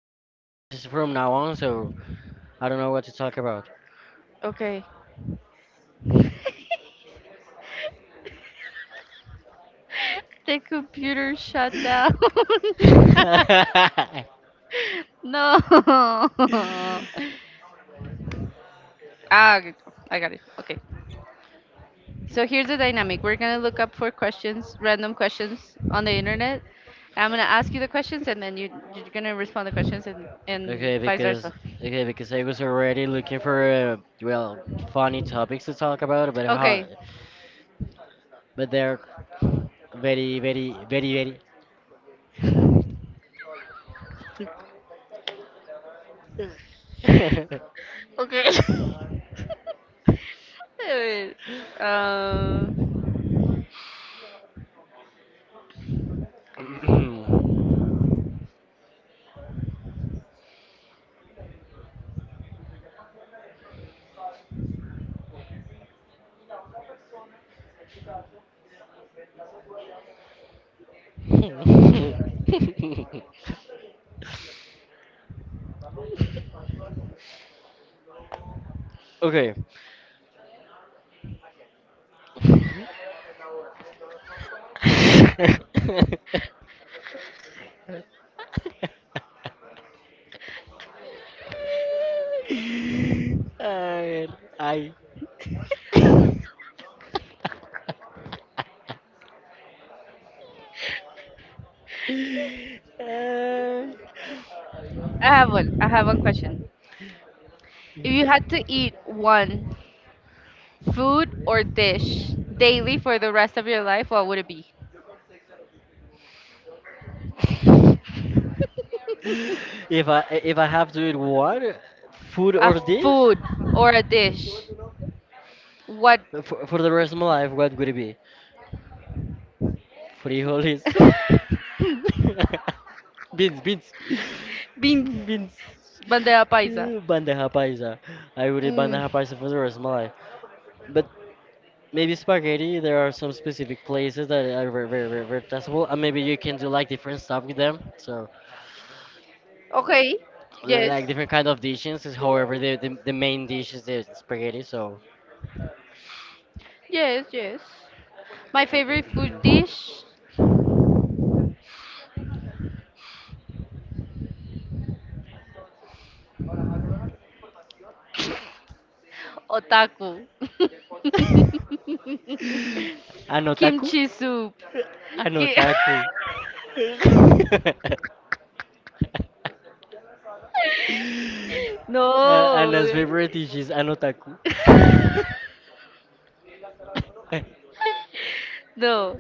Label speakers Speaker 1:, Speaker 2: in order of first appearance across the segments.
Speaker 1: speak English from now on. So I don't know what to talk about.
Speaker 2: Okay. The computer shut down. No. Ah, good. I got it. Okay. So here's the dynamic. We're gonna look up for questions, random questions on the internet. And I'm gonna ask you the questions, and then you're gonna respond the questions, and
Speaker 1: okay,
Speaker 2: vice
Speaker 1: because
Speaker 2: versa.
Speaker 1: okay, because I was already looking for well, funny topics to talk about, but how,
Speaker 2: Okay.
Speaker 1: but they're very, very, very, very.
Speaker 2: Okay. Wait, wait.
Speaker 1: okay, A ver, ay. Ay.
Speaker 2: I have one. I have one question. If you had to eat one food or dish daily for the rest of your life, what would it be?
Speaker 1: If I have to eat one food
Speaker 2: A
Speaker 1: or dish
Speaker 2: food or a dish? What
Speaker 1: for the rest of my life, what would it be? Frijol is beans, beans,
Speaker 2: beans?
Speaker 1: beans.
Speaker 2: Bandeja paisa.
Speaker 1: Yeah, Banda rapaisa. I would eat banda
Speaker 2: Mm.
Speaker 1: rapaisa for the rest of my life. But maybe spaghetti. There are some specific places that are very, very, very, very tasteful, and maybe you can do like different stuff with them. So,
Speaker 2: Okay. Yes.
Speaker 1: like different kind of dishes. Is However, the main dish is the spaghetti. So,
Speaker 2: Yes, yes. My favorite food dish? Otaku.
Speaker 1: anotaku,
Speaker 2: Kimchi soup. Ki-
Speaker 1: anotaku.
Speaker 2: no.
Speaker 1: Anna's favorite is she's an otaku.
Speaker 2: No.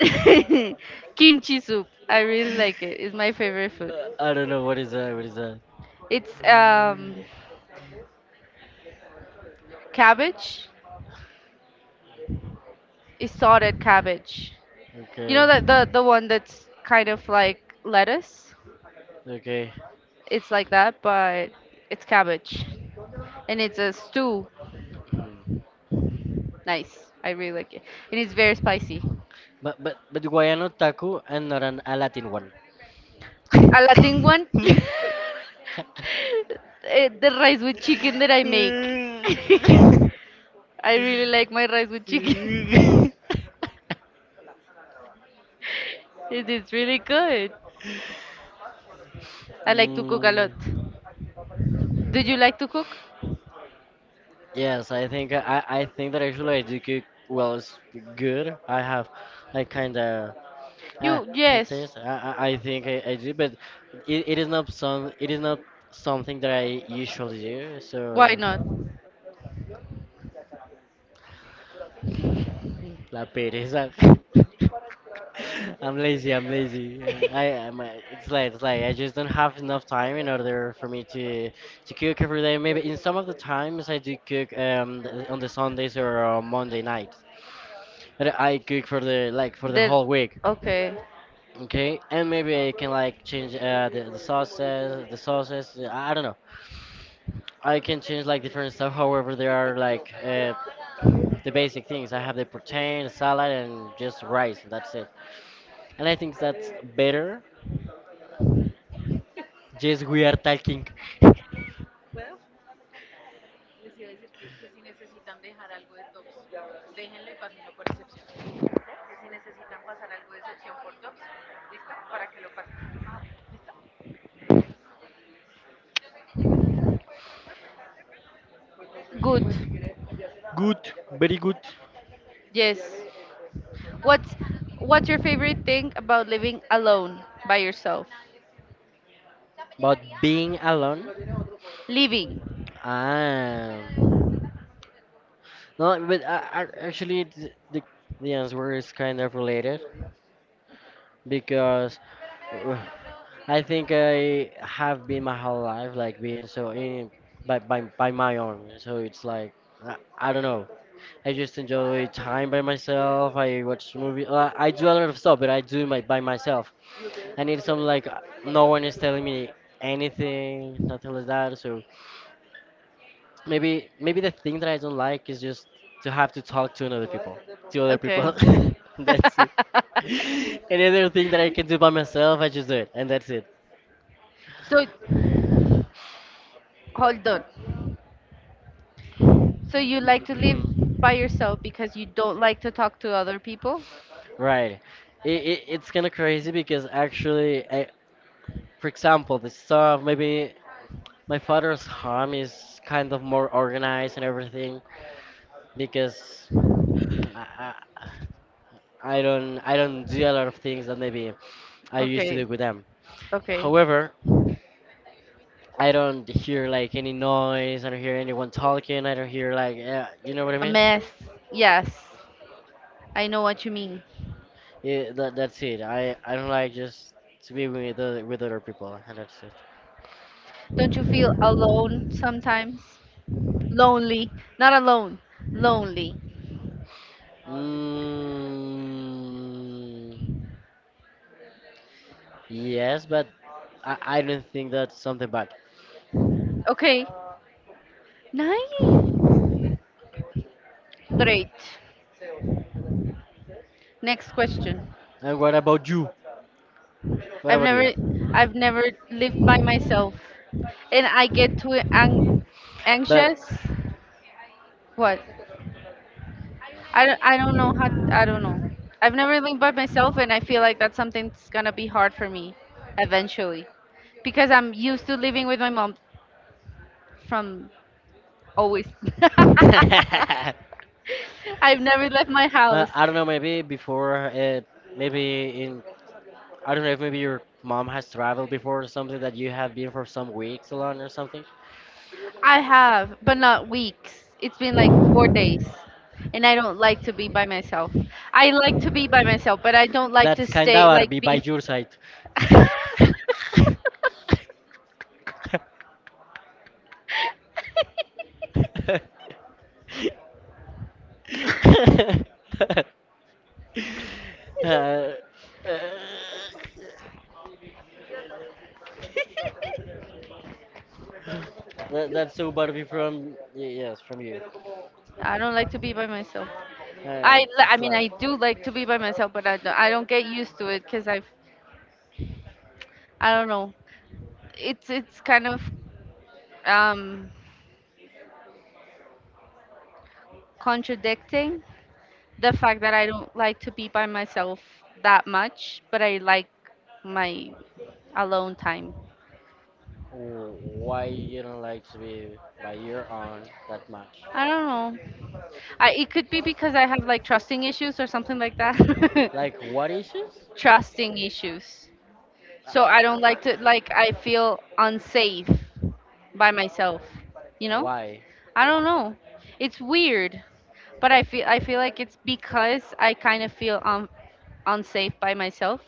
Speaker 2: Kimchi soup. I really like it. It's my favorite food.
Speaker 1: I don't know what is that. What is that?
Speaker 2: It's cabbage. It's sorted cabbage. You know
Speaker 1: Okay.
Speaker 2: that the one that's kind of like lettuce?
Speaker 1: Okay.
Speaker 2: It's like that, but it's cabbage. And it's a stew.
Speaker 1: Hmm.
Speaker 2: Nice. I really like it. And it's very spicy.
Speaker 1: But why an otaku and not an a Latin one?
Speaker 2: A Latin one. Eh, the rice with chicken that I make. I really like my rice with chicken. It is really good. I like to cook a
Speaker 1: Mm.
Speaker 2: lot. Do you like to cook?
Speaker 1: Yes, I think I think that actually I do cook, well, it's good. I have I kind of uh,
Speaker 2: You, yes.
Speaker 1: taste. I think I do, but it is not something that I usually do.
Speaker 2: Why
Speaker 1: So
Speaker 2: not?
Speaker 1: la pereza. I'm lazy. I'm lazy. Yeah, it's like I just don't have enough time in order for me to cook every day. Maybe in some of the times I do cook on the Sundays or on Monday night, that I cook for the, like, for the
Speaker 2: There.
Speaker 1: whole week.
Speaker 2: Okay.
Speaker 1: Okay, and maybe I can, like, change the sauces, the sauces. I don't know. I can change like different stuff. However, there are like the basic things. I have the protein, the salad, and just rice. That's it. And I think that's better. Yes, we are talking
Speaker 2: Good.
Speaker 1: good, very good,
Speaker 2: Yes. What's what's your favorite thing about living alone by yourself?
Speaker 1: about being alone.
Speaker 2: Living.
Speaker 1: Ah. No, but actually, the answer is kind of related, because uh, I think I have been my whole life like being so in by my own. So it's like I don't know. I just enjoy time by myself. I watch movie. I do a lot of stuff, but I do my by myself. I need some like no one is telling me anything, nothing like that. So maybe the thing that I don't like is just to have to talk to another people, to other
Speaker 2: Okay.
Speaker 1: people. That's it. Any other thing that I can do by myself, I just do it, and that's it.
Speaker 2: So hold on. So you like to live by yourself because you don't like to talk to other people?
Speaker 1: Right. It's kind of crazy because actually, for example, the stuff, maybe my father's home is kind of more organized and everything because I, I, I don't do a lot of things that maybe I used to
Speaker 2: Okay.
Speaker 1: do with them.
Speaker 2: Okay.
Speaker 1: However, I don't hear like any noise. I don't hear anyone talking. I don't hear like you know what I
Speaker 2: A
Speaker 1: mean.
Speaker 2: mess. Yes. I know what you mean.
Speaker 1: Yeah, that's it. I don't like just to be with other people, and that's it.
Speaker 2: Don't you feel alone sometimes? Lonely. Not alone. Lonely.
Speaker 1: Mm, yes, but I don't think that's something bad.
Speaker 2: Okay. Nice. Great. Next question.
Speaker 1: And what about you? What
Speaker 2: I've
Speaker 1: about
Speaker 2: never
Speaker 1: you?
Speaker 2: I've never lived by myself. And I get too
Speaker 1: But
Speaker 2: anxious. What? I don't know how I don't know. I've never lived by myself and I feel like that's something that's going to be hard for me eventually because I'm used to living with my mom from always.
Speaker 1: uh,
Speaker 2: I've never left my house.
Speaker 1: I don't know. Maybe before, maybe in I don't know if maybe your mom has traveled before or something that you have been for some weeks alone or something.
Speaker 2: I have, but not weeks. It's been like 4 days. And I don't like to be by myself. I like to be by myself, but I don't like to
Speaker 1: That's kind
Speaker 2: stay,
Speaker 1: of
Speaker 2: like,
Speaker 1: be by
Speaker 2: be.
Speaker 1: your side. Uh, uh, that's so Barbie from yes from you.
Speaker 2: I don't like to be by myself. I, li- I
Speaker 1: It's
Speaker 2: mean,
Speaker 1: life.
Speaker 2: I do like to be by myself, but I don't get used to it I don't know. It's kind of um, contradicting the fact that I don't like to be by myself that much, but I like my alone time.
Speaker 1: Oh, why you don't like to be by your own that much?
Speaker 2: I don't know. It could be because I have like trusting issues or something like that.
Speaker 1: Like what issues?
Speaker 2: Trusting issues.
Speaker 1: I,
Speaker 2: So I
Speaker 1: I,
Speaker 2: don't
Speaker 1: I,
Speaker 2: like to like
Speaker 1: I-
Speaker 2: I feel unsafe by myself, you know?
Speaker 1: why?
Speaker 2: I don't know. It's weird, but I feel like it's because I kind of feel unsafe by myself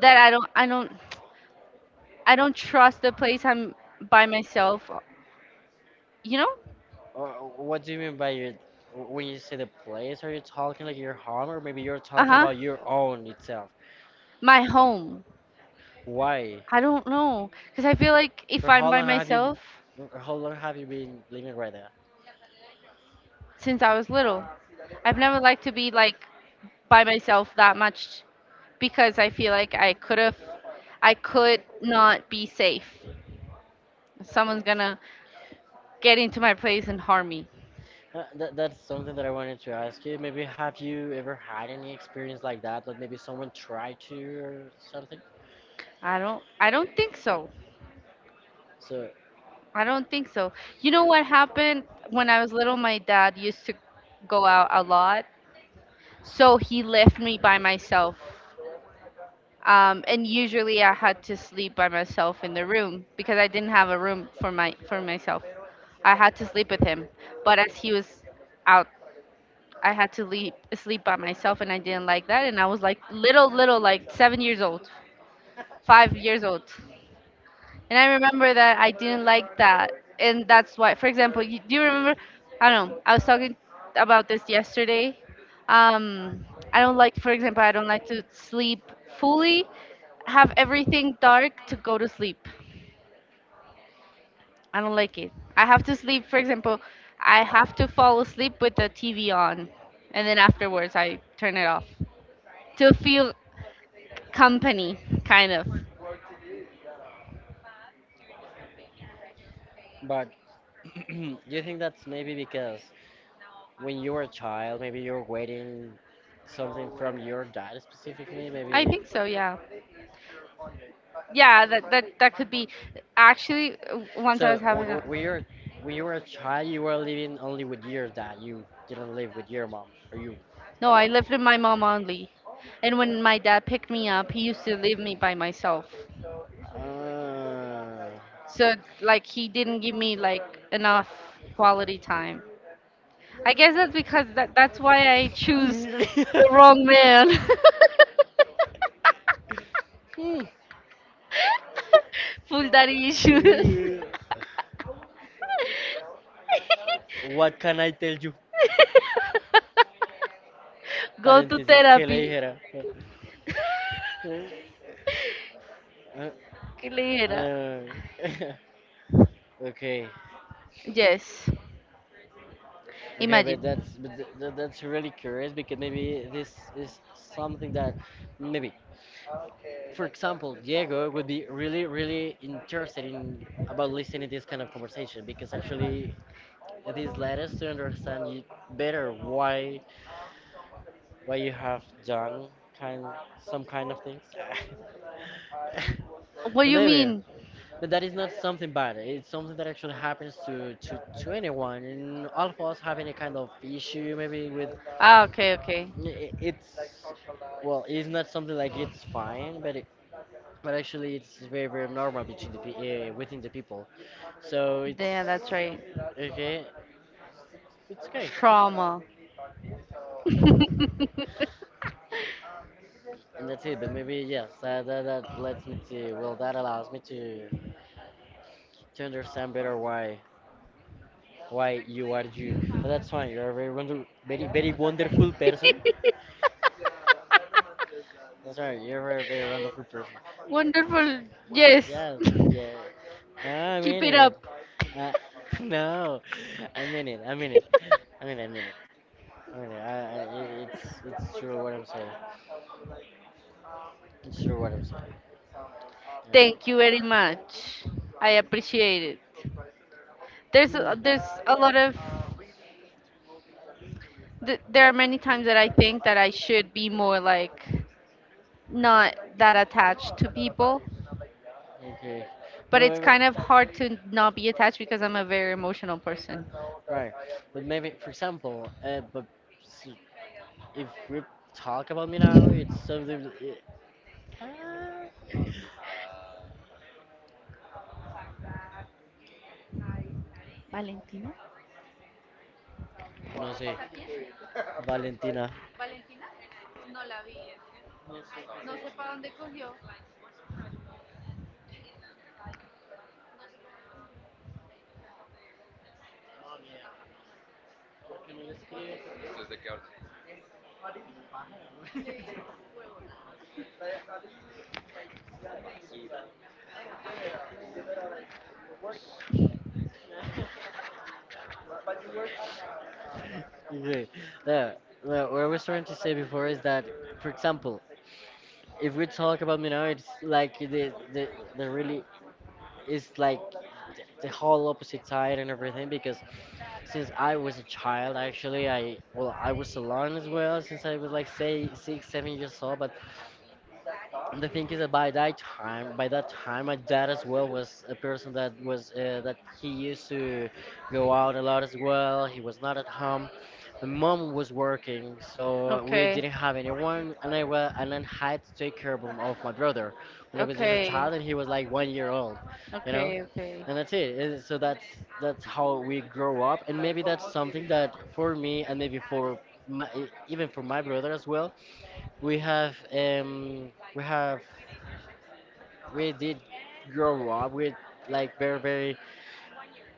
Speaker 2: that I don't trust the place I'm by myself, you know?
Speaker 1: Or what do you mean by your? When you say the place, are you talking like your home, or maybe you're
Speaker 2: Uh
Speaker 1: talking
Speaker 2: huh.
Speaker 1: about your own itself?
Speaker 2: My home.
Speaker 1: Why?
Speaker 2: I don't know. Because I feel like
Speaker 1: For
Speaker 2: if
Speaker 1: how
Speaker 2: I'm by
Speaker 1: long have you?
Speaker 2: myself
Speaker 1: For how long have you been living right there?
Speaker 2: since I was little, I've never liked to be like by myself that much because I feel like I could not be safe. Someone's gonna get into my place and harm me.
Speaker 1: That's something that I wanted to ask you. Maybe have you ever had any experience like that? Like maybe someone tried to or something?
Speaker 2: I don't think so.
Speaker 1: So.
Speaker 2: I don't think so. You know what happened when I was little? My dad used to go out a lot. So he left me by myself. And usually I had to sleep by myself in the room because I didn't have a room for my for myself. I had to sleep with him. But as he was out, I had to leave, sleep by myself and I didn't like that and I was like little, like 7 years old, 5 years old. And I remember that I didn't like that. And that's why, for example, you, do you remember? I don't know. I was talking about this yesterday. Um, I don't like, for example, I don't like to sleep fully, have everything dark to go to sleep. I don't like it. I have to sleep, for example, I have to fall asleep with the TV on. And then afterwards, I turn it off to feel company, kind of.
Speaker 1: But do you think that's maybe because when you were a child, maybe you're waiting something from your dad specifically,
Speaker 2: I
Speaker 1: maybe?
Speaker 2: think so, yeah. Yeah, that could be. Actually, once I
Speaker 1: So
Speaker 2: was having a.
Speaker 1: when you're when you were a child, you were living only with your dad. You didn't live with your mom, or you.
Speaker 2: No, I lived with my mom only, and when my dad picked me up he used to leave me by myself,
Speaker 1: Ah.
Speaker 2: so like he didn't give me like enough quality time. I guess that's because that that's why I choose the wrong man.
Speaker 1: Hmm.
Speaker 2: Full daddy issues.
Speaker 1: What can I tell you?
Speaker 2: Go to
Speaker 1: Paréntesis, ¿qué le
Speaker 2: therapy.
Speaker 1: dijera?
Speaker 2: ¿Qué le dijera?
Speaker 1: Uh, okay,
Speaker 2: Yes.
Speaker 1: okay,
Speaker 2: Imagine.
Speaker 1: but that's but that's really curious because maybe this is something that maybe, for example, Diego would be really really interested in about listening this kind of conversation, because actually this led us to understand you better, why you have done kind some kind of things.
Speaker 2: What do
Speaker 1: So
Speaker 2: you
Speaker 1: maybe.
Speaker 2: mean?
Speaker 1: But that is not something bad. It's something that actually happens to anyone. And all of us have any kind of issue, maybe with
Speaker 2: Ah, okay, okay.
Speaker 1: it's, well, it's not something like it's fine, but it, but actually it's very very normal between the within the people. So it's
Speaker 2: Yeah, that's right.
Speaker 1: okay. It's okay,
Speaker 2: Trauma.
Speaker 1: and that's it. But maybe yes, that lets me to, well, that allows me to understand better why you are you. But that's fine. You are a very wonder, very very wonderful person. That's right, you're a very wonderful person.
Speaker 2: Wonderful. Yes.
Speaker 1: Yes, yes. No, I
Speaker 2: Keep
Speaker 1: mean
Speaker 2: it
Speaker 1: it.
Speaker 2: up.
Speaker 1: Uh, no, I mean it. I mean it. I mean it. I mean it. It's it's true what I'm saying. It's true what I'm saying. Yeah.
Speaker 2: Thank you very much. I appreciate it.
Speaker 1: Hmm.
Speaker 2: There's a lot of there are many times that I think that I should be more like not that attached to people,
Speaker 1: Okay.
Speaker 2: but
Speaker 1: No,
Speaker 2: it's
Speaker 1: I-
Speaker 2: kind of hard to not be attached because I'm a very emotional person.
Speaker 1: Right. But maybe, for example, s- if we talk about me now, it's something, ah,
Speaker 2: Valentina?
Speaker 1: no sé. Valentina. Okay. No, no, what I was trying to say before is that, for example, if we talk about me now, it's like the really, it's like the whole opposite side and everything, because since I was a child, actually, I, well, I was alone as well since I was like say six seven years old, but And the thing is that by that time, my dad as well was a person that was that he used to go out a lot as well. He was not at home. My mom was working, so we
Speaker 2: Okay,
Speaker 1: didn't have anyone, and I, well, and then had to take care of my brother when I was just a
Speaker 2: okay,
Speaker 1: child, and he was like 1 year old, you know,
Speaker 2: okay, okay.
Speaker 1: and that's it. So that's how we grow up, and maybe that's something that for me, and maybe for my, even for my brother as well, we have we have we did grow up with, like, very very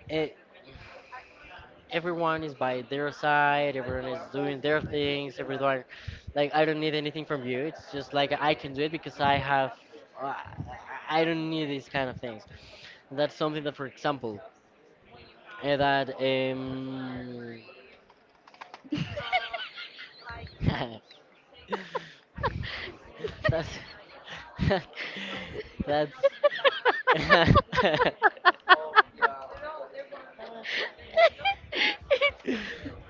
Speaker 1: eh, everyone is by their side, everyone is doing their things, everyone, like, I don't need anything from you, it's just like I can do it because I have uh, I don't need these kind of things. That's something that for example, eh, that that's that's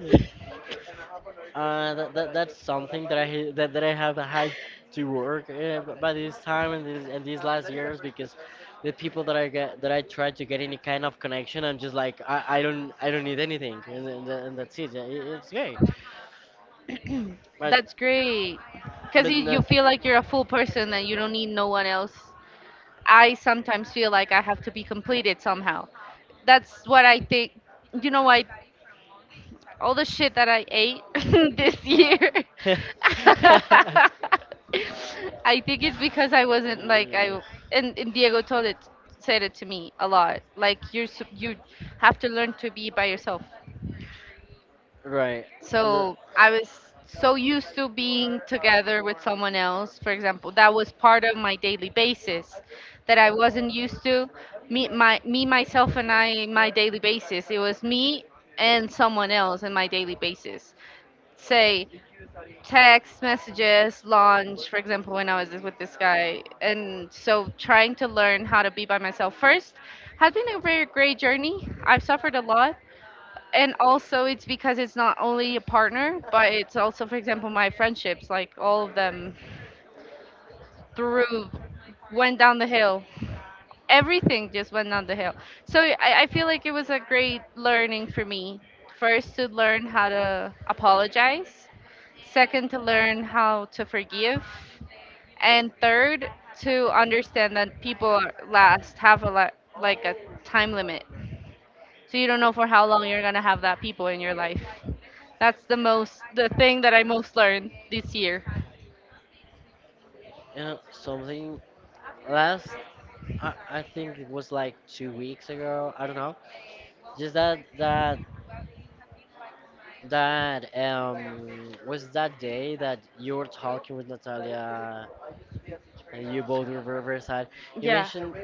Speaker 1: Yeah. That's something that that I have had to work, by this time and this and these last years, because the people that I try to get any kind of connection, I'm just like I don't need anything, and that's it. Yeah, it's gay, but
Speaker 2: That's great. Because
Speaker 1: but
Speaker 2: you
Speaker 1: not.
Speaker 2: feel like you're a full person and you don't need no one else. I sometimes feel like I have to be completed somehow. That's what I think. You know what? All the shit that I ate this year. I think it's because I wasn't like
Speaker 1: Mm.
Speaker 2: I and Diego told it said it to me a lot. Like, you're you have to learn to be by yourself.
Speaker 1: Right. The,
Speaker 2: So I was so used to being together with someone else, for example, that was part of my daily basis that I wasn't used to. Me, me, myself, and I, my daily basis. It was me and someone else in my daily basis, say text messages, lunch, for example, when I was with this guy. And so trying to learn how to be by myself first has been a very great journey. I've suffered a lot. And also, it's because it's not only a partner, but it's also, for example, my friendships, like all of them through went down the hill, everything just went down the hill. So I feel like it was a great learning for me. First, to learn how to apologize. Second, to learn how to forgive. And third, to understand that last have a lot like a time limit. So you don't know for how long you're gonna have that people in your life. That's the thing that I most learned this year.
Speaker 1: you know, something last, I think it was like 2 weeks ago, I don't know. Just that that that was that day that you were talking with Natalia and you both were very very sad. You
Speaker 2: Yeah.
Speaker 1: mentioned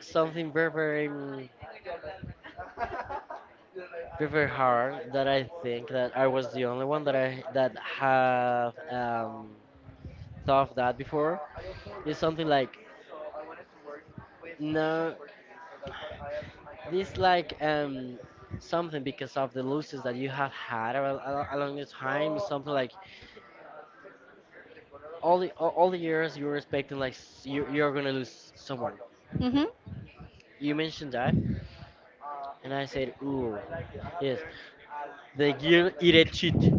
Speaker 1: something very very very very hard that I think that I was the only one that I that have thought of that before. It's something like no, this like something because of the losses that you have had along the time. It's something like all the years you were expecting like you you're gonna lose someone.
Speaker 2: Mhm.
Speaker 1: You mentioned that, and I said, ooh, yes, the girl eat cheat.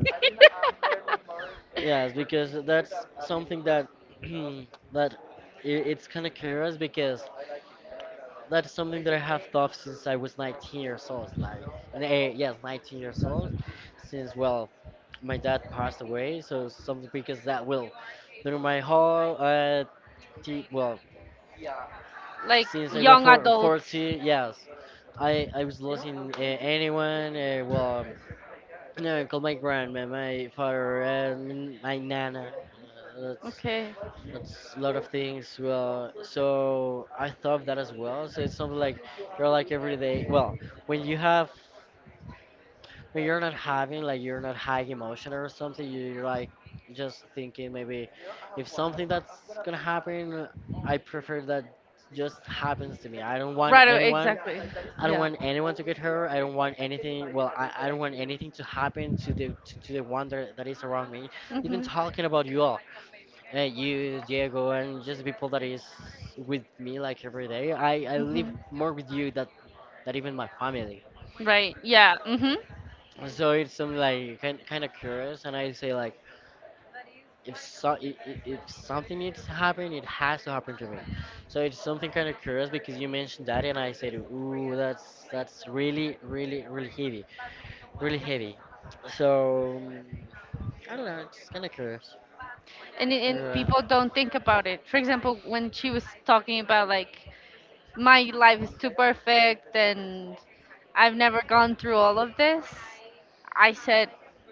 Speaker 1: Yes, because that's something that that I it's kind of curious because that's something that I have thought since I was 19 years old. Like, yes, 19 years old. Since, well, my dad passed away, so something because that will, during my whole, t well,
Speaker 2: Like
Speaker 1: since I was
Speaker 2: young adult.
Speaker 1: 440, yes, I was losing anyone, well, my uncle, my grandma, my father, and my nana. Uh, that's
Speaker 2: Okay.
Speaker 1: that's a lot of things. Well, so I thought of that as well. So it's something like you're like every day. Well, when you have, when you're not having, like, you're not high emotion or something, you're like just thinking maybe if something that's gonna happen, I prefer that just happens to me. I don't want
Speaker 2: Right,
Speaker 1: anyone.
Speaker 2: exactly.
Speaker 1: I don't
Speaker 2: Yeah.
Speaker 1: want anyone to get hurt. I don't want anything. Well, I don't want anything to happen to the to the one that is around me. Even
Speaker 2: Mhm.
Speaker 1: talking about you all. You, Diego, and just the people that is with me like every day. I live
Speaker 2: Mhm.
Speaker 1: more with you that even my family.
Speaker 2: Right. Yeah. Mhm.
Speaker 1: So it's something like kind of curious, and I say like, if if something needs to happen, it has to happen to me. So it's something kind of curious, because you mentioned that, and I said, ooh, that's really, really, really heavy, really heavy. So I don't know, it's kind of curious. It's kinda
Speaker 2: And
Speaker 1: curious.
Speaker 2: people don't think about it. For example, when she was talking about like my life is too perfect and I've never gone through all of this. I said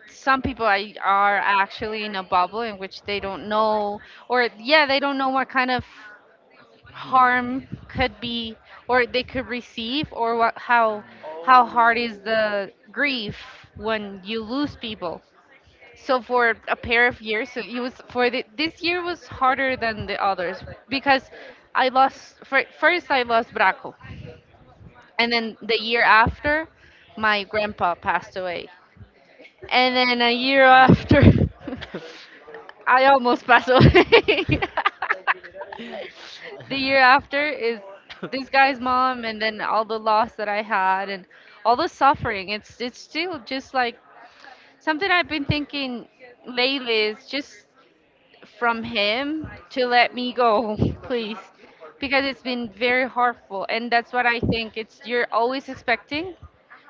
Speaker 2: some people are actually in a bubble in which they don't know, or yeah, they don't know what kind of harm could be or they could receive, or what, how hard is the grief when you lose people. So for a pair of years, so it was this year was harder than the others because I lost first, I lost Braco, and then the year after my grandpa passed away, and then a year
Speaker 1: Mm.
Speaker 2: after, I almost passed away. The year after is this guy's mom, and then all the loss that I had, and all the suffering. It's still just like something I've been thinking lately is just from him to let me go, please, because it's been very hurtful, and that's what I think. It's you're always expecting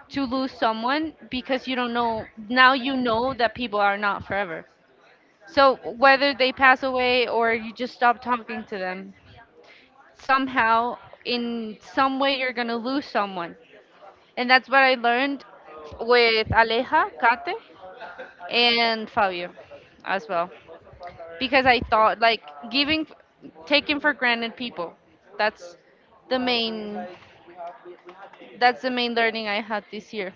Speaker 2: to lose someone because you don't know, now you know that people are not forever, so whether they pass away or you just stop talking to them somehow, in some way you're going to lose someone. And that's what I learned with Aleja, Kate, and Fabio as well, because I thought like giving taking for granted people, that's the main that's the main learning I had this year.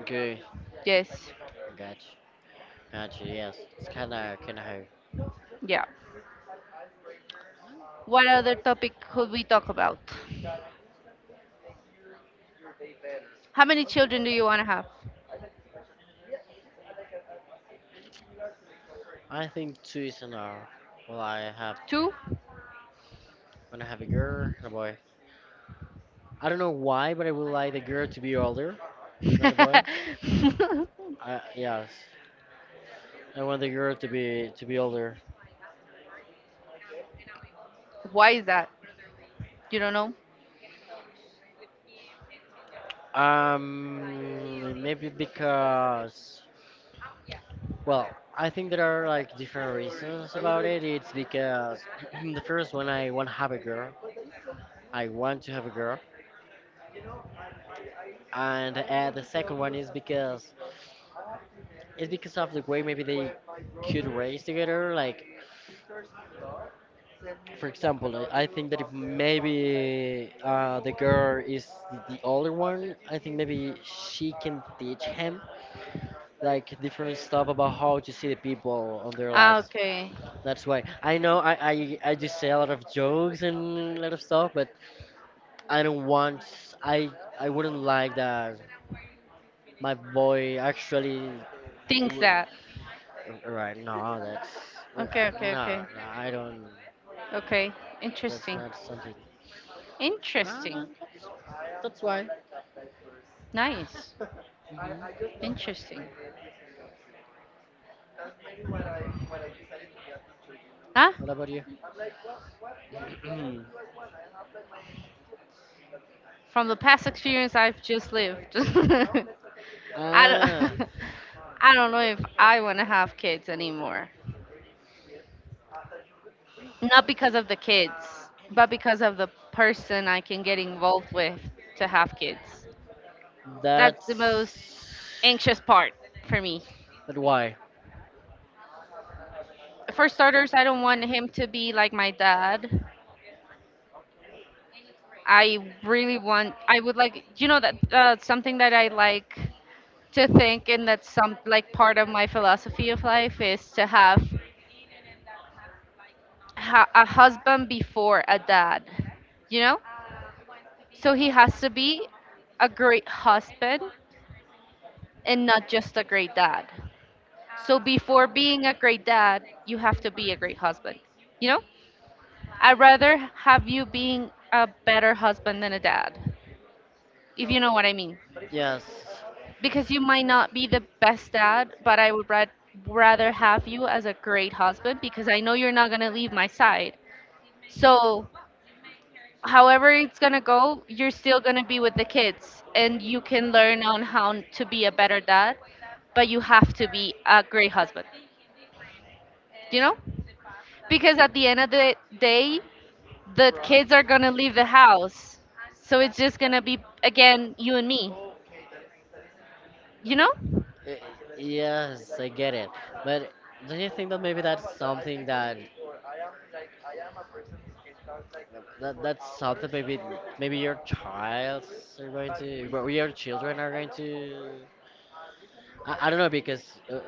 Speaker 1: Okay,
Speaker 2: Yes.
Speaker 1: gotcha, gotcha. Yes, it's kind of hard.
Speaker 2: Yeah. What other topic could we talk about? How many children do you want to have?
Speaker 1: I think two is enough. Well, I have
Speaker 2: Two?
Speaker 1: when I have a girl and a boy. I don't know why, but I would like the girl to be older than the boy. I yes, I want the girl to be older.
Speaker 2: Why is that? You don't know?
Speaker 1: Maybe because, well, I think there are like different reasons about it. It's because the first one, I want to have a girl. I want to have a girl, and the second one is because it's because of the way maybe they could raise together, like, for example, I think that if maybe the girl is the older one, I think maybe she can teach him like different stuff about how to see the people on their
Speaker 2: Ah,
Speaker 1: lives.
Speaker 2: okay.
Speaker 1: That's why I know, I just say a lot of jokes and a lot of stuff, but I don't want. I wouldn't like that my boy actually
Speaker 2: Thinks
Speaker 1: w-
Speaker 2: that.
Speaker 1: right, no, that's
Speaker 2: Okay,
Speaker 1: no,
Speaker 2: okay, okay.
Speaker 1: no, I don't,
Speaker 2: Okay.
Speaker 1: that's
Speaker 2: Interesting.
Speaker 1: not something. Ah, no,
Speaker 2: Interesting.
Speaker 1: that's why.
Speaker 2: Nice.
Speaker 1: Mhm.
Speaker 2: Interesting. Huh?
Speaker 1: What about you?
Speaker 2: From the past experience I've just lived. I
Speaker 1: ah,
Speaker 2: don't I don't know if I want to have kids anymore. Not because of the kids, but because of the person I can get involved with to have kids. That's the most
Speaker 1: that's.
Speaker 2: anxious part for me.
Speaker 1: But why?
Speaker 2: For starters, I don't want him to be like my dad. I really want, I would like, you know, that something that I like to think, and that's some like part of my philosophy of life is to have a husband before a dad, you know? So he has to be a great husband and not just a great dad. So before being a great dad, you have to be a great husband. You know? I'd rather have you being a better husband than a dad, if you know what I mean.
Speaker 1: Yes.
Speaker 2: Because you might not be the best dad, but rather have you as a great husband because I know you're not going to leave my side. So, however it's going to go, you're still going to be with the kids and you can learn on how to be a better dad, but you have to be a great husband. You know? Because at the end of the day, the kids are gonna leave the house. So it's just gonna be, again, you and me. You know?
Speaker 1: Y- Yes, I get it. But don't you think that maybe that's something that that's something maybe your childs are going to, well, your children are going to. I don't know, because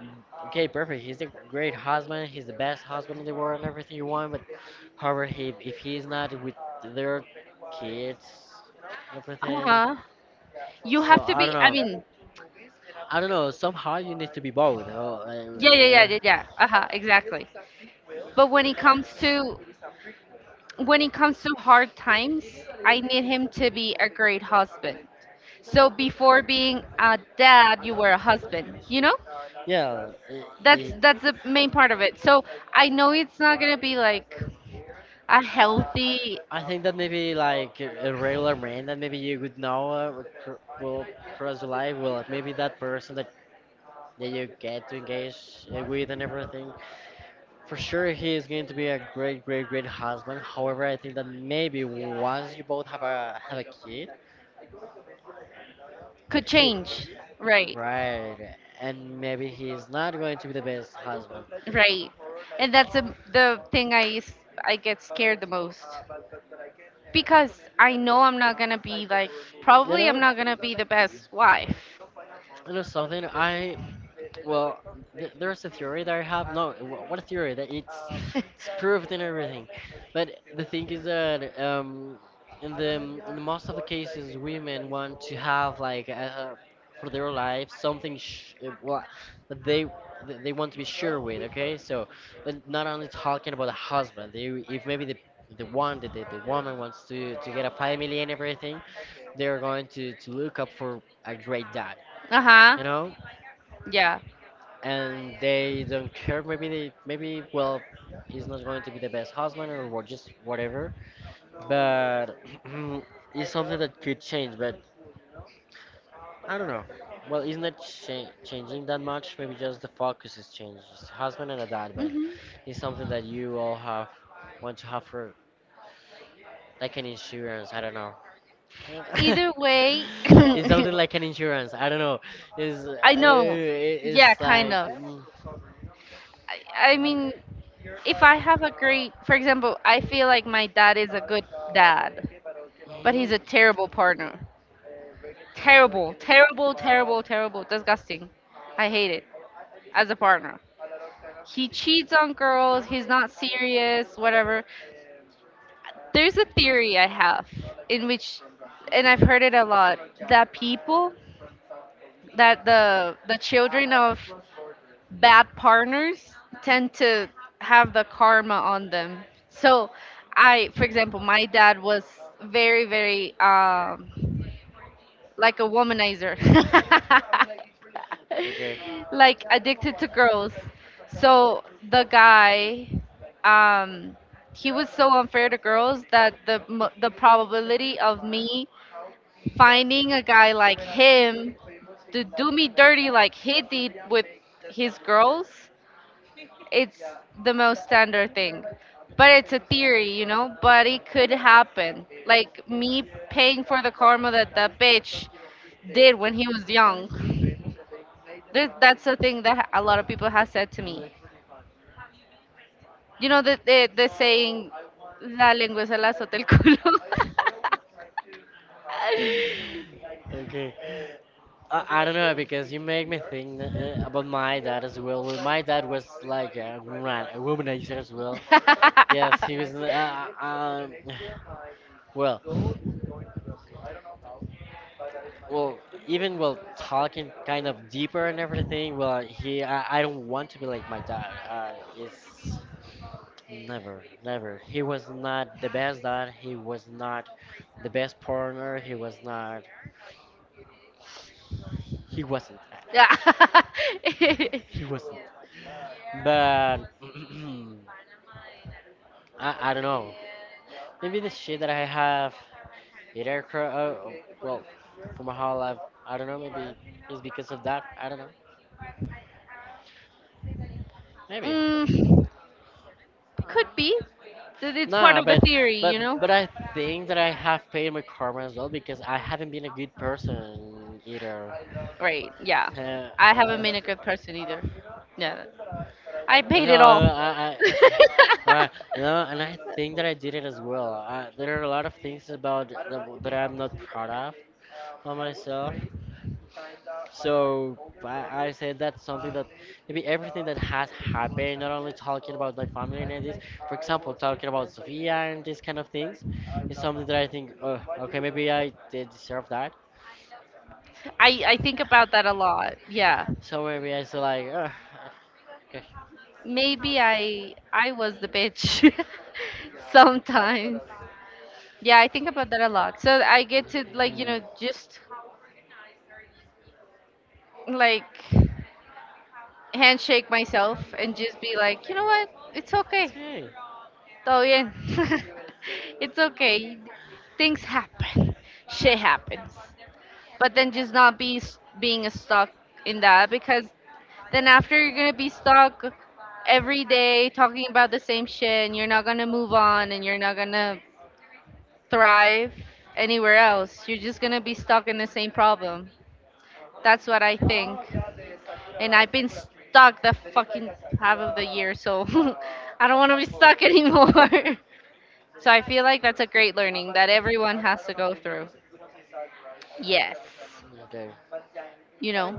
Speaker 1: okay, perfect. He's a great husband. He's the best husband in the world and everything you want. But however, he if he's not with their kids and
Speaker 2: Uh
Speaker 1: everything.
Speaker 2: huh. You have
Speaker 1: So
Speaker 2: to
Speaker 1: I
Speaker 2: be,
Speaker 1: don't
Speaker 2: I
Speaker 1: know.
Speaker 2: mean,
Speaker 1: I don't know. Somehow you need to be both. Oh, uh,
Speaker 2: yeah, yeah, yeah,
Speaker 1: uh,
Speaker 2: yeah, yeah. Uh huh, exactly. But when it comes to hard times, I need him to be a great husband. So before being a dad, you were a husband, you know?
Speaker 1: yeah. Uh,
Speaker 2: That's the main part of it. So I know it's not gonna be like a healthy
Speaker 1: I think that maybe, like, a regular man that maybe you would know will cross the life. Well, maybe that person that you get to engage with and everything. For sure, he is going to be a great, great, great husband. However, I think that maybe once you both have a kid,
Speaker 2: could
Speaker 1: he,
Speaker 2: change. Right.
Speaker 1: right, and maybe he is not going to be the best husband.
Speaker 2: Right. And that's the thing I get scared the most because I know I'm not gonna be like,
Speaker 1: You
Speaker 2: probably I'm
Speaker 1: know?
Speaker 2: not gonna be the best wife.
Speaker 1: You know something? I Well, th there's a theory that I have. No, what, a theory that it's
Speaker 2: Uh-huh.
Speaker 1: it's proved and everything. But the thing is that, in the most of the cases, women want to have, like, for their lives, something sh well, that they want to be sure with. Okay, so, but not only talking about a husband. They If maybe the one that the woman wants to get a family and everything, they're going to look up for a great dad, you know,
Speaker 2: Yeah.
Speaker 1: and they don't care. Maybe maybe, well, he's not going to be the best husband or what, just whatever. But it's something that could change. But I don't know. Well, it's not changing that much. Maybe just the focus is changed. It's husband and a dad, but
Speaker 2: Hmm.
Speaker 1: it's something that you all have want to have for, like, an insurance. I don't know.
Speaker 2: Either way.
Speaker 1: It's something like an insurance. I don't know. It's uh,
Speaker 2: I know.
Speaker 1: it-
Speaker 2: Yeah,
Speaker 1: it's
Speaker 2: kind
Speaker 1: like.
Speaker 2: of. I, I mean, if I have a great, for example, I feel like my dad is a good dad, but he's
Speaker 1: Mm,
Speaker 2: a terrible partner. Terrible, terrible, terrible, terrible, disgusting. I hate it as a partner. He cheats on girls, he's not serious, whatever. There's a theory I have in which, and I've heard it a lot, that people, that the children of bad partners tend to have the karma on them. So, I, for example, my dad was very, very like a womanizer,
Speaker 1: Okay.
Speaker 2: like addicted to girls. So the guy, um, he was so unfair to girls that the probability of me finding a guy like him to do me dirty like he did with his girls, it's the most standard thing, but it's a theory, you know, but it could happen, like me paying for the karma that that bitch did when he was young. That's the thing that a lot of people have said to me.
Speaker 1: Mm.
Speaker 2: You know, the saying, la lengua se la azota el culo.
Speaker 1: Okay. I don't know, because you make me think about my dad as well. Well, my dad was like a womanizer as well. Yes,
Speaker 2: I
Speaker 1: he was. Uh, um, well, well, even, well, talking kind of deeper and everything. Well, he I don't want to be like my dad. Is Never, never. He was not the best dad. He was not the best partner. He was not. He wasn't.
Speaker 2: kind of goals?
Speaker 1: He wasn't. But I don't know. Maybe the shit that I have in aircraft. Well, for my whole life, I don't know. Maybe it's because of that. I don't know. Maybe.
Speaker 2: Yeah. Mm, could be. So it's part
Speaker 1: Nah,
Speaker 2: of the theory, you know?
Speaker 1: but I think that I have paid my karma as well, because I haven't been a good person either.
Speaker 2: Right, yeah.
Speaker 1: Uh,
Speaker 2: I haven't
Speaker 1: uh,
Speaker 2: been a good person either. Yeah. I paid
Speaker 1: so
Speaker 2: it all.
Speaker 1: I right, no, and I think that I did it as well. There are a lot of things about that I'm not proud of by myself. So, I said, that's something that maybe everything that has happened, not only talking about like family and this, for example, talking about Sophia and these kind of things, is something that I think, oh, okay, maybe I did deserve that.
Speaker 2: I think about that a lot. Yeah.
Speaker 1: So maybe I feel like, "Ugh, okay."
Speaker 2: Maybe I was the bitch sometimes. Yeah, I think about that a lot. So I get to like, you
Speaker 1: Mm,
Speaker 2: know, just like handshake myself and just be like, you know what? It's okay.
Speaker 1: It's okay.
Speaker 2: Todo bien. It's okay. Things happen. Shit happens. But then just not be s- being stuck in that, because then after you're gonna be stuck every day talking about the same shit and you're not gonna move on and you're not gonna thrive anywhere else. You're just gonna be stuck in the same problem. That's what I think. And I've been stuck the fucking half of the year, so I don't want to be stuck anymore. So I feel like that's a great learning that everyone has to go through. Yes.
Speaker 1: Okay.
Speaker 2: You know,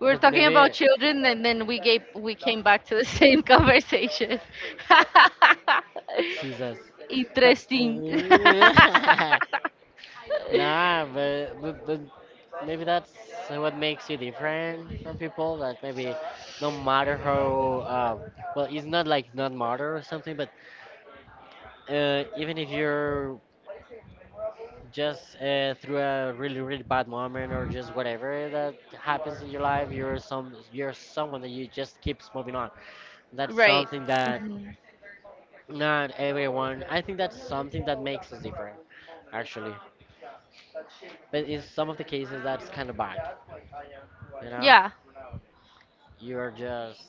Speaker 2: we were
Speaker 1: But
Speaker 2: talking about
Speaker 1: maybe
Speaker 2: children, and then we came back to the same conversation.
Speaker 1: scissors.
Speaker 2: Interesting.
Speaker 1: Nah, but maybe that's what makes you different from people. That maybe, no matter how uh, well, it's not like not matter or something, but even if you're just through a really, really bad moment or just whatever that happens in your life, you're some you're someone that you just keeps moving on. That's
Speaker 2: Right.
Speaker 1: something that
Speaker 2: Mhm.
Speaker 1: not everyone. I think that's something that makes us different, actually, but in some of the cases, that's kind of bad. You know
Speaker 2: Yeah,
Speaker 1: you're just,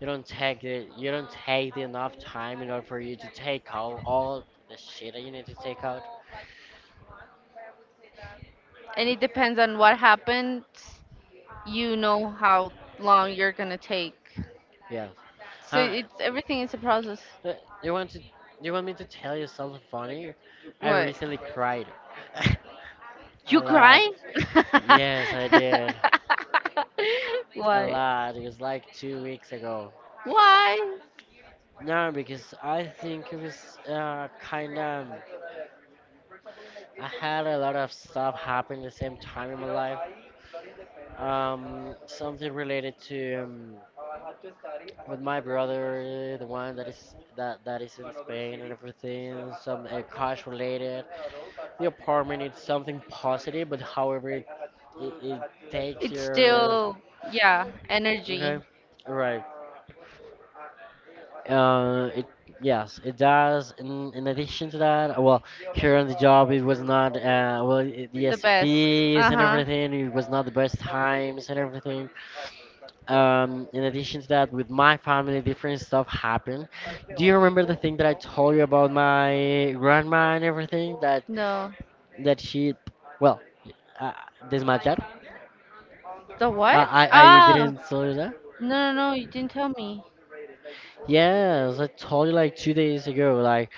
Speaker 1: you don't take it, you don't take the enough time in order for you to take out all the shit that you need to take out.
Speaker 2: and it depends on what happens. You know how long you're gonna take.
Speaker 1: Yeah.
Speaker 2: So
Speaker 1: Huh.
Speaker 2: it's, everything is a process.
Speaker 1: Uh, You want to? You want me to tell you something funny? I
Speaker 2: What?
Speaker 1: recently cried. A
Speaker 2: You
Speaker 1: lot.
Speaker 2: cry?
Speaker 1: Yes, I did. A
Speaker 2: Why?
Speaker 1: lot. It was like 2 weeks ago.
Speaker 2: Why?
Speaker 1: No, because I think it was, kind of. I had a lot of stuff happen at the same time in my life. Something related to, with my brother, the one that is in Spain and everything. Some cash related. The apartment, it's something positive, but however,
Speaker 2: It's
Speaker 1: it
Speaker 2: to the
Speaker 1: takes
Speaker 2: market,
Speaker 1: your.
Speaker 2: still, yeah,
Speaker 1: Okay,
Speaker 2: energy.
Speaker 1: right, it, yes, it does. In addition to that, well, here on the job it was not, well, I the
Speaker 2: The best. Overrated.
Speaker 1: SPs and
Speaker 2: Uh-huh.
Speaker 1: everything, it was not the best times and everything. Um, in addition to that, with my family, different stuff happened. Do you remember the thing that I told you about my grandma and everything, that
Speaker 2: No.
Speaker 1: she, well, uh, desmayar?
Speaker 2: The
Speaker 1: I,
Speaker 2: what?
Speaker 1: I, I
Speaker 2: Ah,
Speaker 1: didn't tell you that.
Speaker 2: no, no, no, you didn't tell me.
Speaker 1: Yes, I told you like 2 days ago. Like,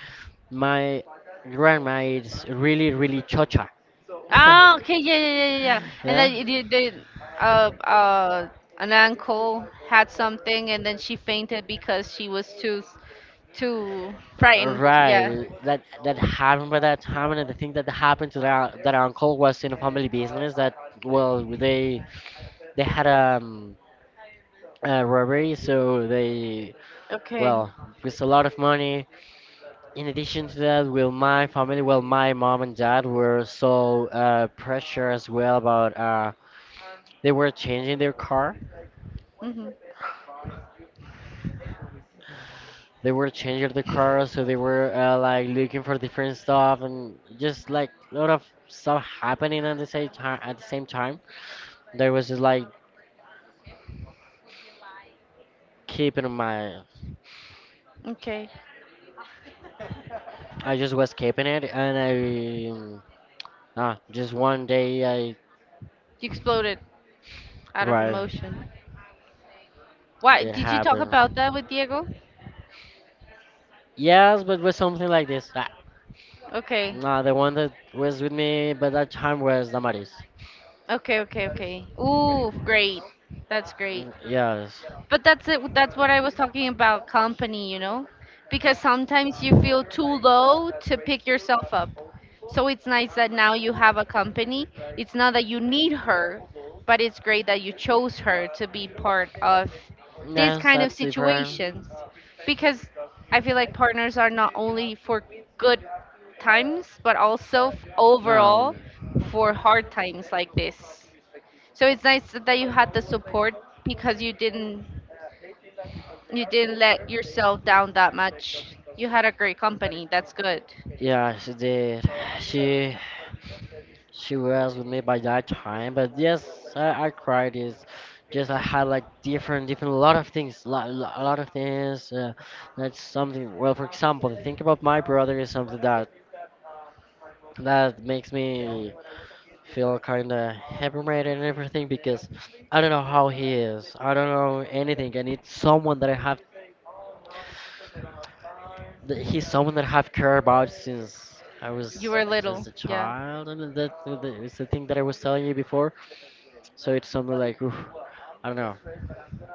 Speaker 1: my grandma is really, really chocha.
Speaker 2: So ah, okay, yeah, yeah, yeah, yeah, yeah. And
Speaker 1: Yeah.
Speaker 2: then you did, like an uncle had something and then she fainted because she was too, too frightened. Yeah.
Speaker 1: Right. That that happened by that time, and the thing that happened to that uncle was in a family business. That, well, they had, a robbery, so they,
Speaker 2: Okay.
Speaker 1: well, with a lot of money. In addition to that, well, my family, well, my mom and dad were so pressure as well about, they were changing their car.
Speaker 2: Mm-hmm.
Speaker 1: They were changing the car, so they were like looking for different stuff and just like a lot of stuff happening at the same time. At the same time, there was just like keeping my,
Speaker 2: Okay.
Speaker 1: I just was keeping it, and I, just one day I.
Speaker 2: You exploded out of
Speaker 1: Right,
Speaker 2: emotion. Why
Speaker 1: did
Speaker 2: did you talk
Speaker 1: happen.
Speaker 2: about that with Diego?
Speaker 1: Yes, but with something like this. Ah.
Speaker 2: Okay.
Speaker 1: No, the one that was with me by that time was Damaris.
Speaker 2: Okay, okay, okay. Ooh, great. That's great.
Speaker 1: Yes.
Speaker 2: But that's it. That's what I was talking about, company, you know, because sometimes you feel too low to pick yourself up. So it's nice that now you have a company. It's not that you need her, but it's great that you chose her to be part of this
Speaker 1: Yes,
Speaker 2: kind of
Speaker 1: that's different.
Speaker 2: situations, because I feel like partners are not only for good times, but also
Speaker 1: No.
Speaker 2: overall for hard times like this. So it's nice that you had the support because you didn't. You didn't let yourself down that much. You had a great company. That's good.
Speaker 1: Yeah, she did. She she was with me by that time, but yes, I cried. Is just I had like different, a lot of things, a lot of things. That's something. Well, for example, think about my brother is something that makes me feel kind of hammered and everything, because I don't know how he is. I don't know anything, and it's someone that I have. That He's someone that I have cared about since I
Speaker 2: You
Speaker 1: was
Speaker 2: were
Speaker 1: just
Speaker 2: little.
Speaker 1: a
Speaker 2: Yeah.
Speaker 1: child, and that it's the thing that I was telling you before. So it's something like, oof, I don't know.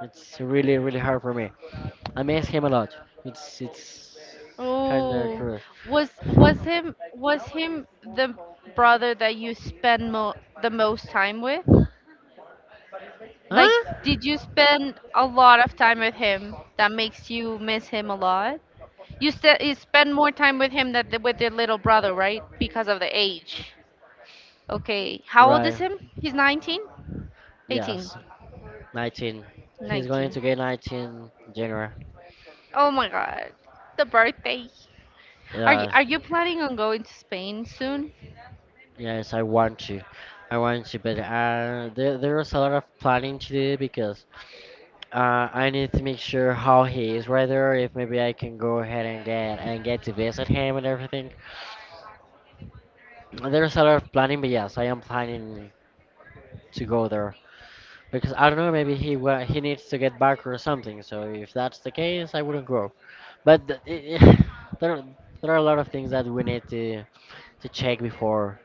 Speaker 1: It's really, really hard for me. I miss him a lot. It's kind of
Speaker 2: Oh,
Speaker 1: cruel.
Speaker 2: was him the brother that you spend mo the most time with? Like,
Speaker 1: Huh?
Speaker 2: did you spend a lot of time with him that makes you miss him a lot? You said you spend more time with him than the, with your little brother, right? Because of the age. Okay. How old
Speaker 1: Right.
Speaker 2: is him? He's 19? 18.
Speaker 1: Yes. 19. He's going
Speaker 2: 19.
Speaker 1: to get 19 January.
Speaker 2: Oh my god. The birthday. Are you
Speaker 1: Yeah,
Speaker 2: are you planning on going to Spain soon?
Speaker 1: yes, I want to. I want to, but there was a lot of planning to do because I need to make sure how he is, whether if maybe I can go ahead and get to visit him and everything. There's a lot of planning, but yes, I am planning to go there because I don't know, maybe he needs to get back or something. So if that's the case, I wouldn't go. But there there are a lot of things that we need to check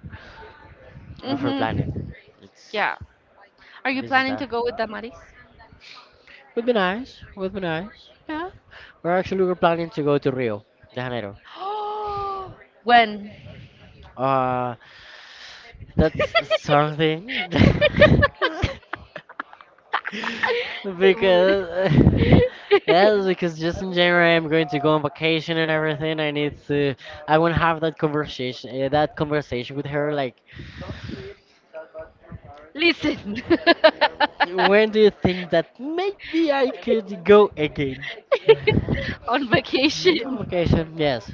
Speaker 1: before planning.
Speaker 2: Mm-hmm.
Speaker 1: It's
Speaker 2: Yeah. Are you
Speaker 1: this is
Speaker 2: planning
Speaker 1: that.
Speaker 2: to go with Damaris?
Speaker 1: Would be nice. Would be nice. Yeah. We're planning to go to Rio de Janeiro.
Speaker 2: When?
Speaker 1: Uh, that's something. because yeah, because just in January I'm going to go on vacation and everything. I need to. I want to have that conversation. That conversation with her. Like,
Speaker 2: Listen.
Speaker 1: when do you think that maybe I could go again?
Speaker 2: On vacation.
Speaker 1: Vacation, yes.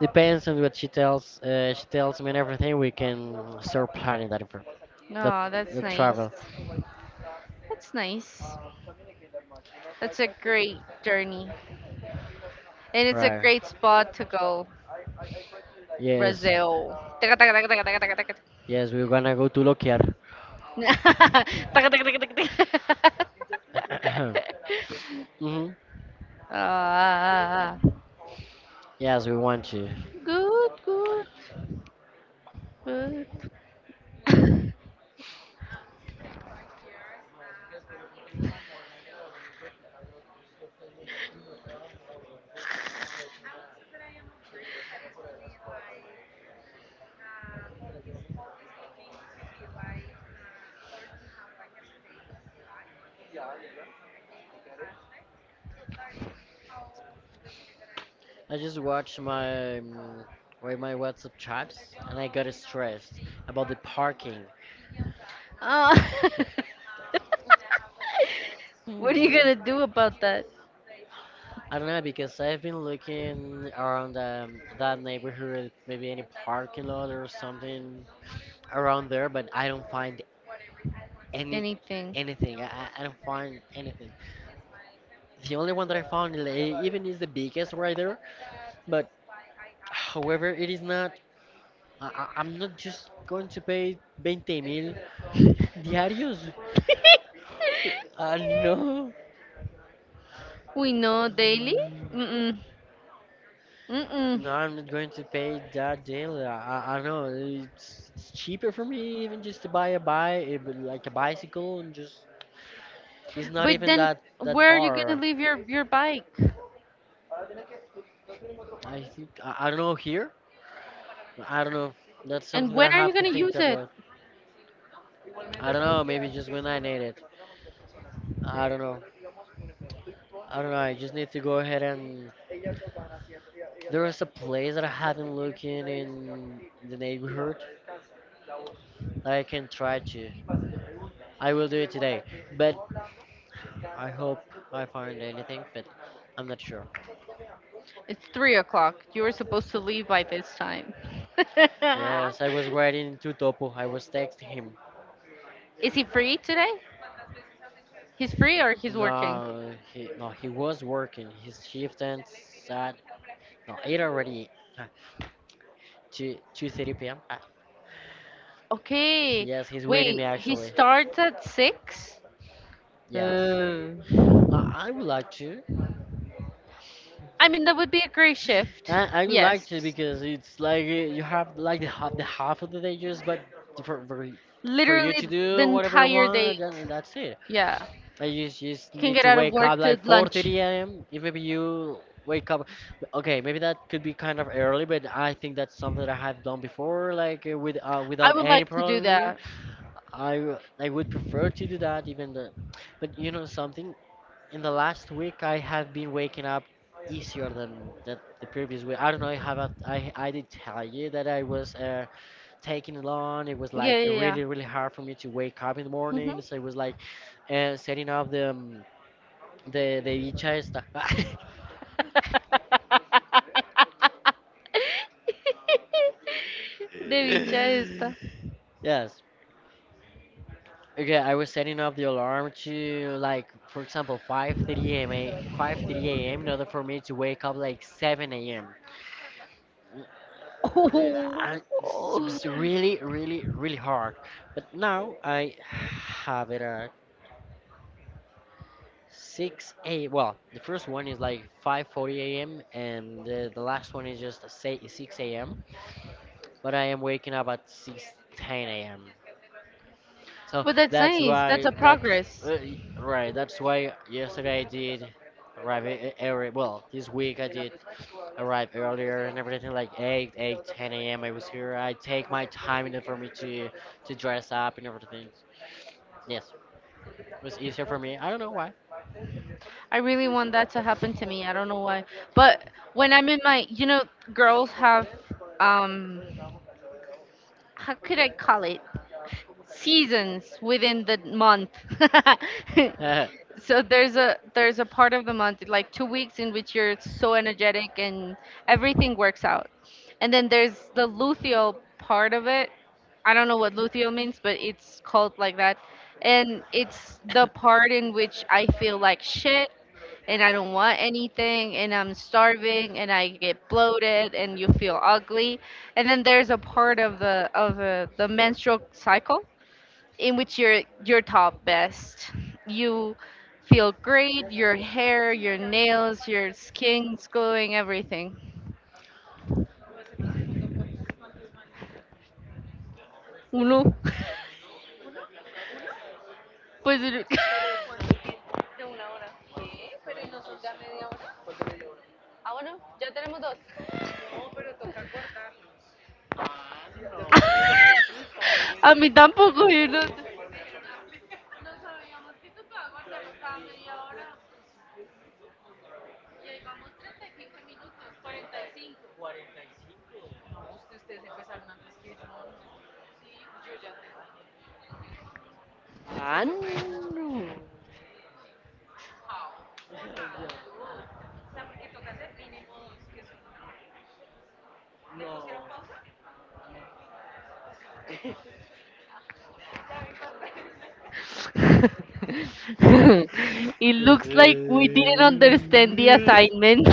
Speaker 1: Depends on what she tells. She tells me and everything. We can start planning that for the
Speaker 2: No, that's nice.
Speaker 1: travel.
Speaker 2: That's nice. That's a great journey. And it's a
Speaker 1: Right.
Speaker 2: great spot to go,
Speaker 1: Yes.
Speaker 2: Brazil.
Speaker 1: Yes, we're gonna go to Lokiar.
Speaker 2: Taka, taka, taka, taka, taka.
Speaker 1: hmm
Speaker 2: Ah,
Speaker 1: Yes, we want to.
Speaker 2: good, good, good.
Speaker 1: I just watched my wait, my WhatsApp chats and I got stressed about the parking.
Speaker 2: Ah. What are you
Speaker 1: Wait.
Speaker 2: gonna do about that?
Speaker 1: I don't know because I've been looking around that neighborhood, maybe any parking lot or something around there, but I don't find any
Speaker 2: Anything?
Speaker 1: anything. I don't find anything. The only one that I found, like, even is the biggest right there, but however, it is not. I'm not just going to pay 20 mil diarios. No.
Speaker 2: We know, daily. Mm-mm. Mm-mm.
Speaker 1: No, I'm not going to pay that daily. I know it's cheaper for me even just to buy a bike, but like a bicycle, and just it's not
Speaker 2: But
Speaker 1: even
Speaker 2: then,
Speaker 1: that
Speaker 2: where are you gonna
Speaker 1: far.
Speaker 2: leave your bike?
Speaker 1: I don't know here. I don't know. That's something
Speaker 2: And
Speaker 1: that
Speaker 2: when
Speaker 1: I
Speaker 2: are
Speaker 1: have
Speaker 2: you
Speaker 1: to
Speaker 2: gonna
Speaker 1: think
Speaker 2: use it?
Speaker 1: about. I don't know. Maybe just when I need it. I don't know. I don't know. I just need to go ahead and there is a place that I haven't looked in the neighborhood that I can try to. I will do it today, but. I hope I find anything, but I'm not sure.
Speaker 2: It's 3 o'clock. You were supposed to leave by this time.
Speaker 1: Yes, I was writing to Topo. I was texting him.
Speaker 2: Is he free today? He's free or he's working?
Speaker 1: No, he was working. His shift ends at no huh, Two two thirty p.m.
Speaker 2: Okay.
Speaker 1: Yes, he's waiting
Speaker 2: Wait,
Speaker 1: me
Speaker 2: he
Speaker 1: actually.
Speaker 2: starts at six?
Speaker 1: Yes,
Speaker 2: Uh,
Speaker 1: I would like to.
Speaker 2: I mean, that would be a great shift.
Speaker 1: I would like
Speaker 2: Yes.
Speaker 1: to because it's like you have like the half of the day just but for for, for you
Speaker 2: Literally
Speaker 1: to
Speaker 2: the
Speaker 1: do whatever you
Speaker 2: entire
Speaker 1: want
Speaker 2: date.
Speaker 1: and that's it.
Speaker 2: Yeah.
Speaker 1: I just
Speaker 2: You can
Speaker 1: need
Speaker 2: get
Speaker 1: to
Speaker 2: out of
Speaker 1: wake up
Speaker 2: work to
Speaker 1: like
Speaker 2: lunch.
Speaker 1: 4:30 a.m. If maybe you wake up, okay, maybe that could be kind of early, but I think that's something that I have done before, like with
Speaker 2: I
Speaker 1: without
Speaker 2: would
Speaker 1: any
Speaker 2: like to do
Speaker 1: problem.
Speaker 2: that.
Speaker 1: I would prefer to do that even the, but you know something, in the last week I have been waking up easier than that the previous week. I don't know how about I did tell you that I was taking long. It was like
Speaker 2: Yeah, yeah,
Speaker 1: really really hard for me to wake up in the
Speaker 2: yeah. Hmm.
Speaker 1: morning. So it was like setting up the the dicha esta.
Speaker 2: De bicha esta.
Speaker 1: Yes. Okay, I was setting up the alarm to like, for example, 5:30 a.m. 5:30 a.m. in order for me to wake up like 7 a.m.
Speaker 2: Oh,
Speaker 1: It
Speaker 2: oh.
Speaker 1: was really, really, really hard. But now I have it at 6 a. Well, the first one is like 5:40 a.m. and the last one is just say 6 a.m. But I am waking up at 6:10 a.m. So
Speaker 2: But that's
Speaker 1: that's
Speaker 2: nice. That's
Speaker 1: why
Speaker 2: a
Speaker 1: that's
Speaker 2: progress.
Speaker 1: right. That's why yesterday I did early. Well, this week I did arrive earlier and everything, like 8, eight, ten 10 a.m. I was here. I take my time in order for me to dress up and everything. Yes, it was easier for me. I don't know why.
Speaker 2: I really want that to happen to me. I don't know why. But when I'm in my, you know, girls have, um, how could I call it? Seasons within the month. So there's a part of the month, like 2 weeks in which you're so energetic and everything works out, and then there's the luteal part of it. I don't know what luteal means, but it's called like that. And it's the part in which I feel like shit and I don't want anything and I'm starving and I get bloated and you feel ugly. And then there's a part of the menstrual cycle in which you're your top best. You feel great, your hair, your nails, your skin's glowing, everything. Uno. Pues a mí tampoco. Yo no-
Speaker 1: I know.
Speaker 2: it looks like we didn't understand the assignment.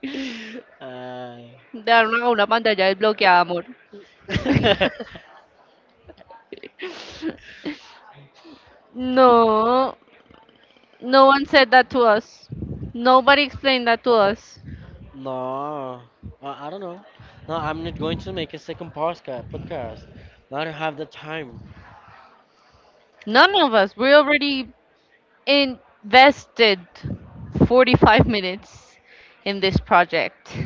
Speaker 1: uh,
Speaker 2: Dar una, una pantalla desbloqueada, amor. No. No one said that to us. Nobody explained that to us.
Speaker 1: No, I don't know. No, I'm not going to make a second Podcast. No, I don't have the time.
Speaker 2: None of us. We already invested 45 minutes in this project.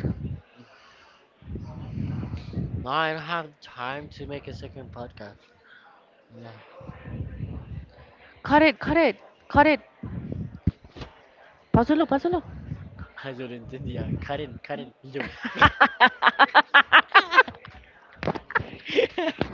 Speaker 1: No, I don't have the time to make a second podcast. No.
Speaker 2: Cut it, cut it, cut it. Pásalo, pásalo.
Speaker 1: Ay, yo no entendía. Karen, Karen, y yo.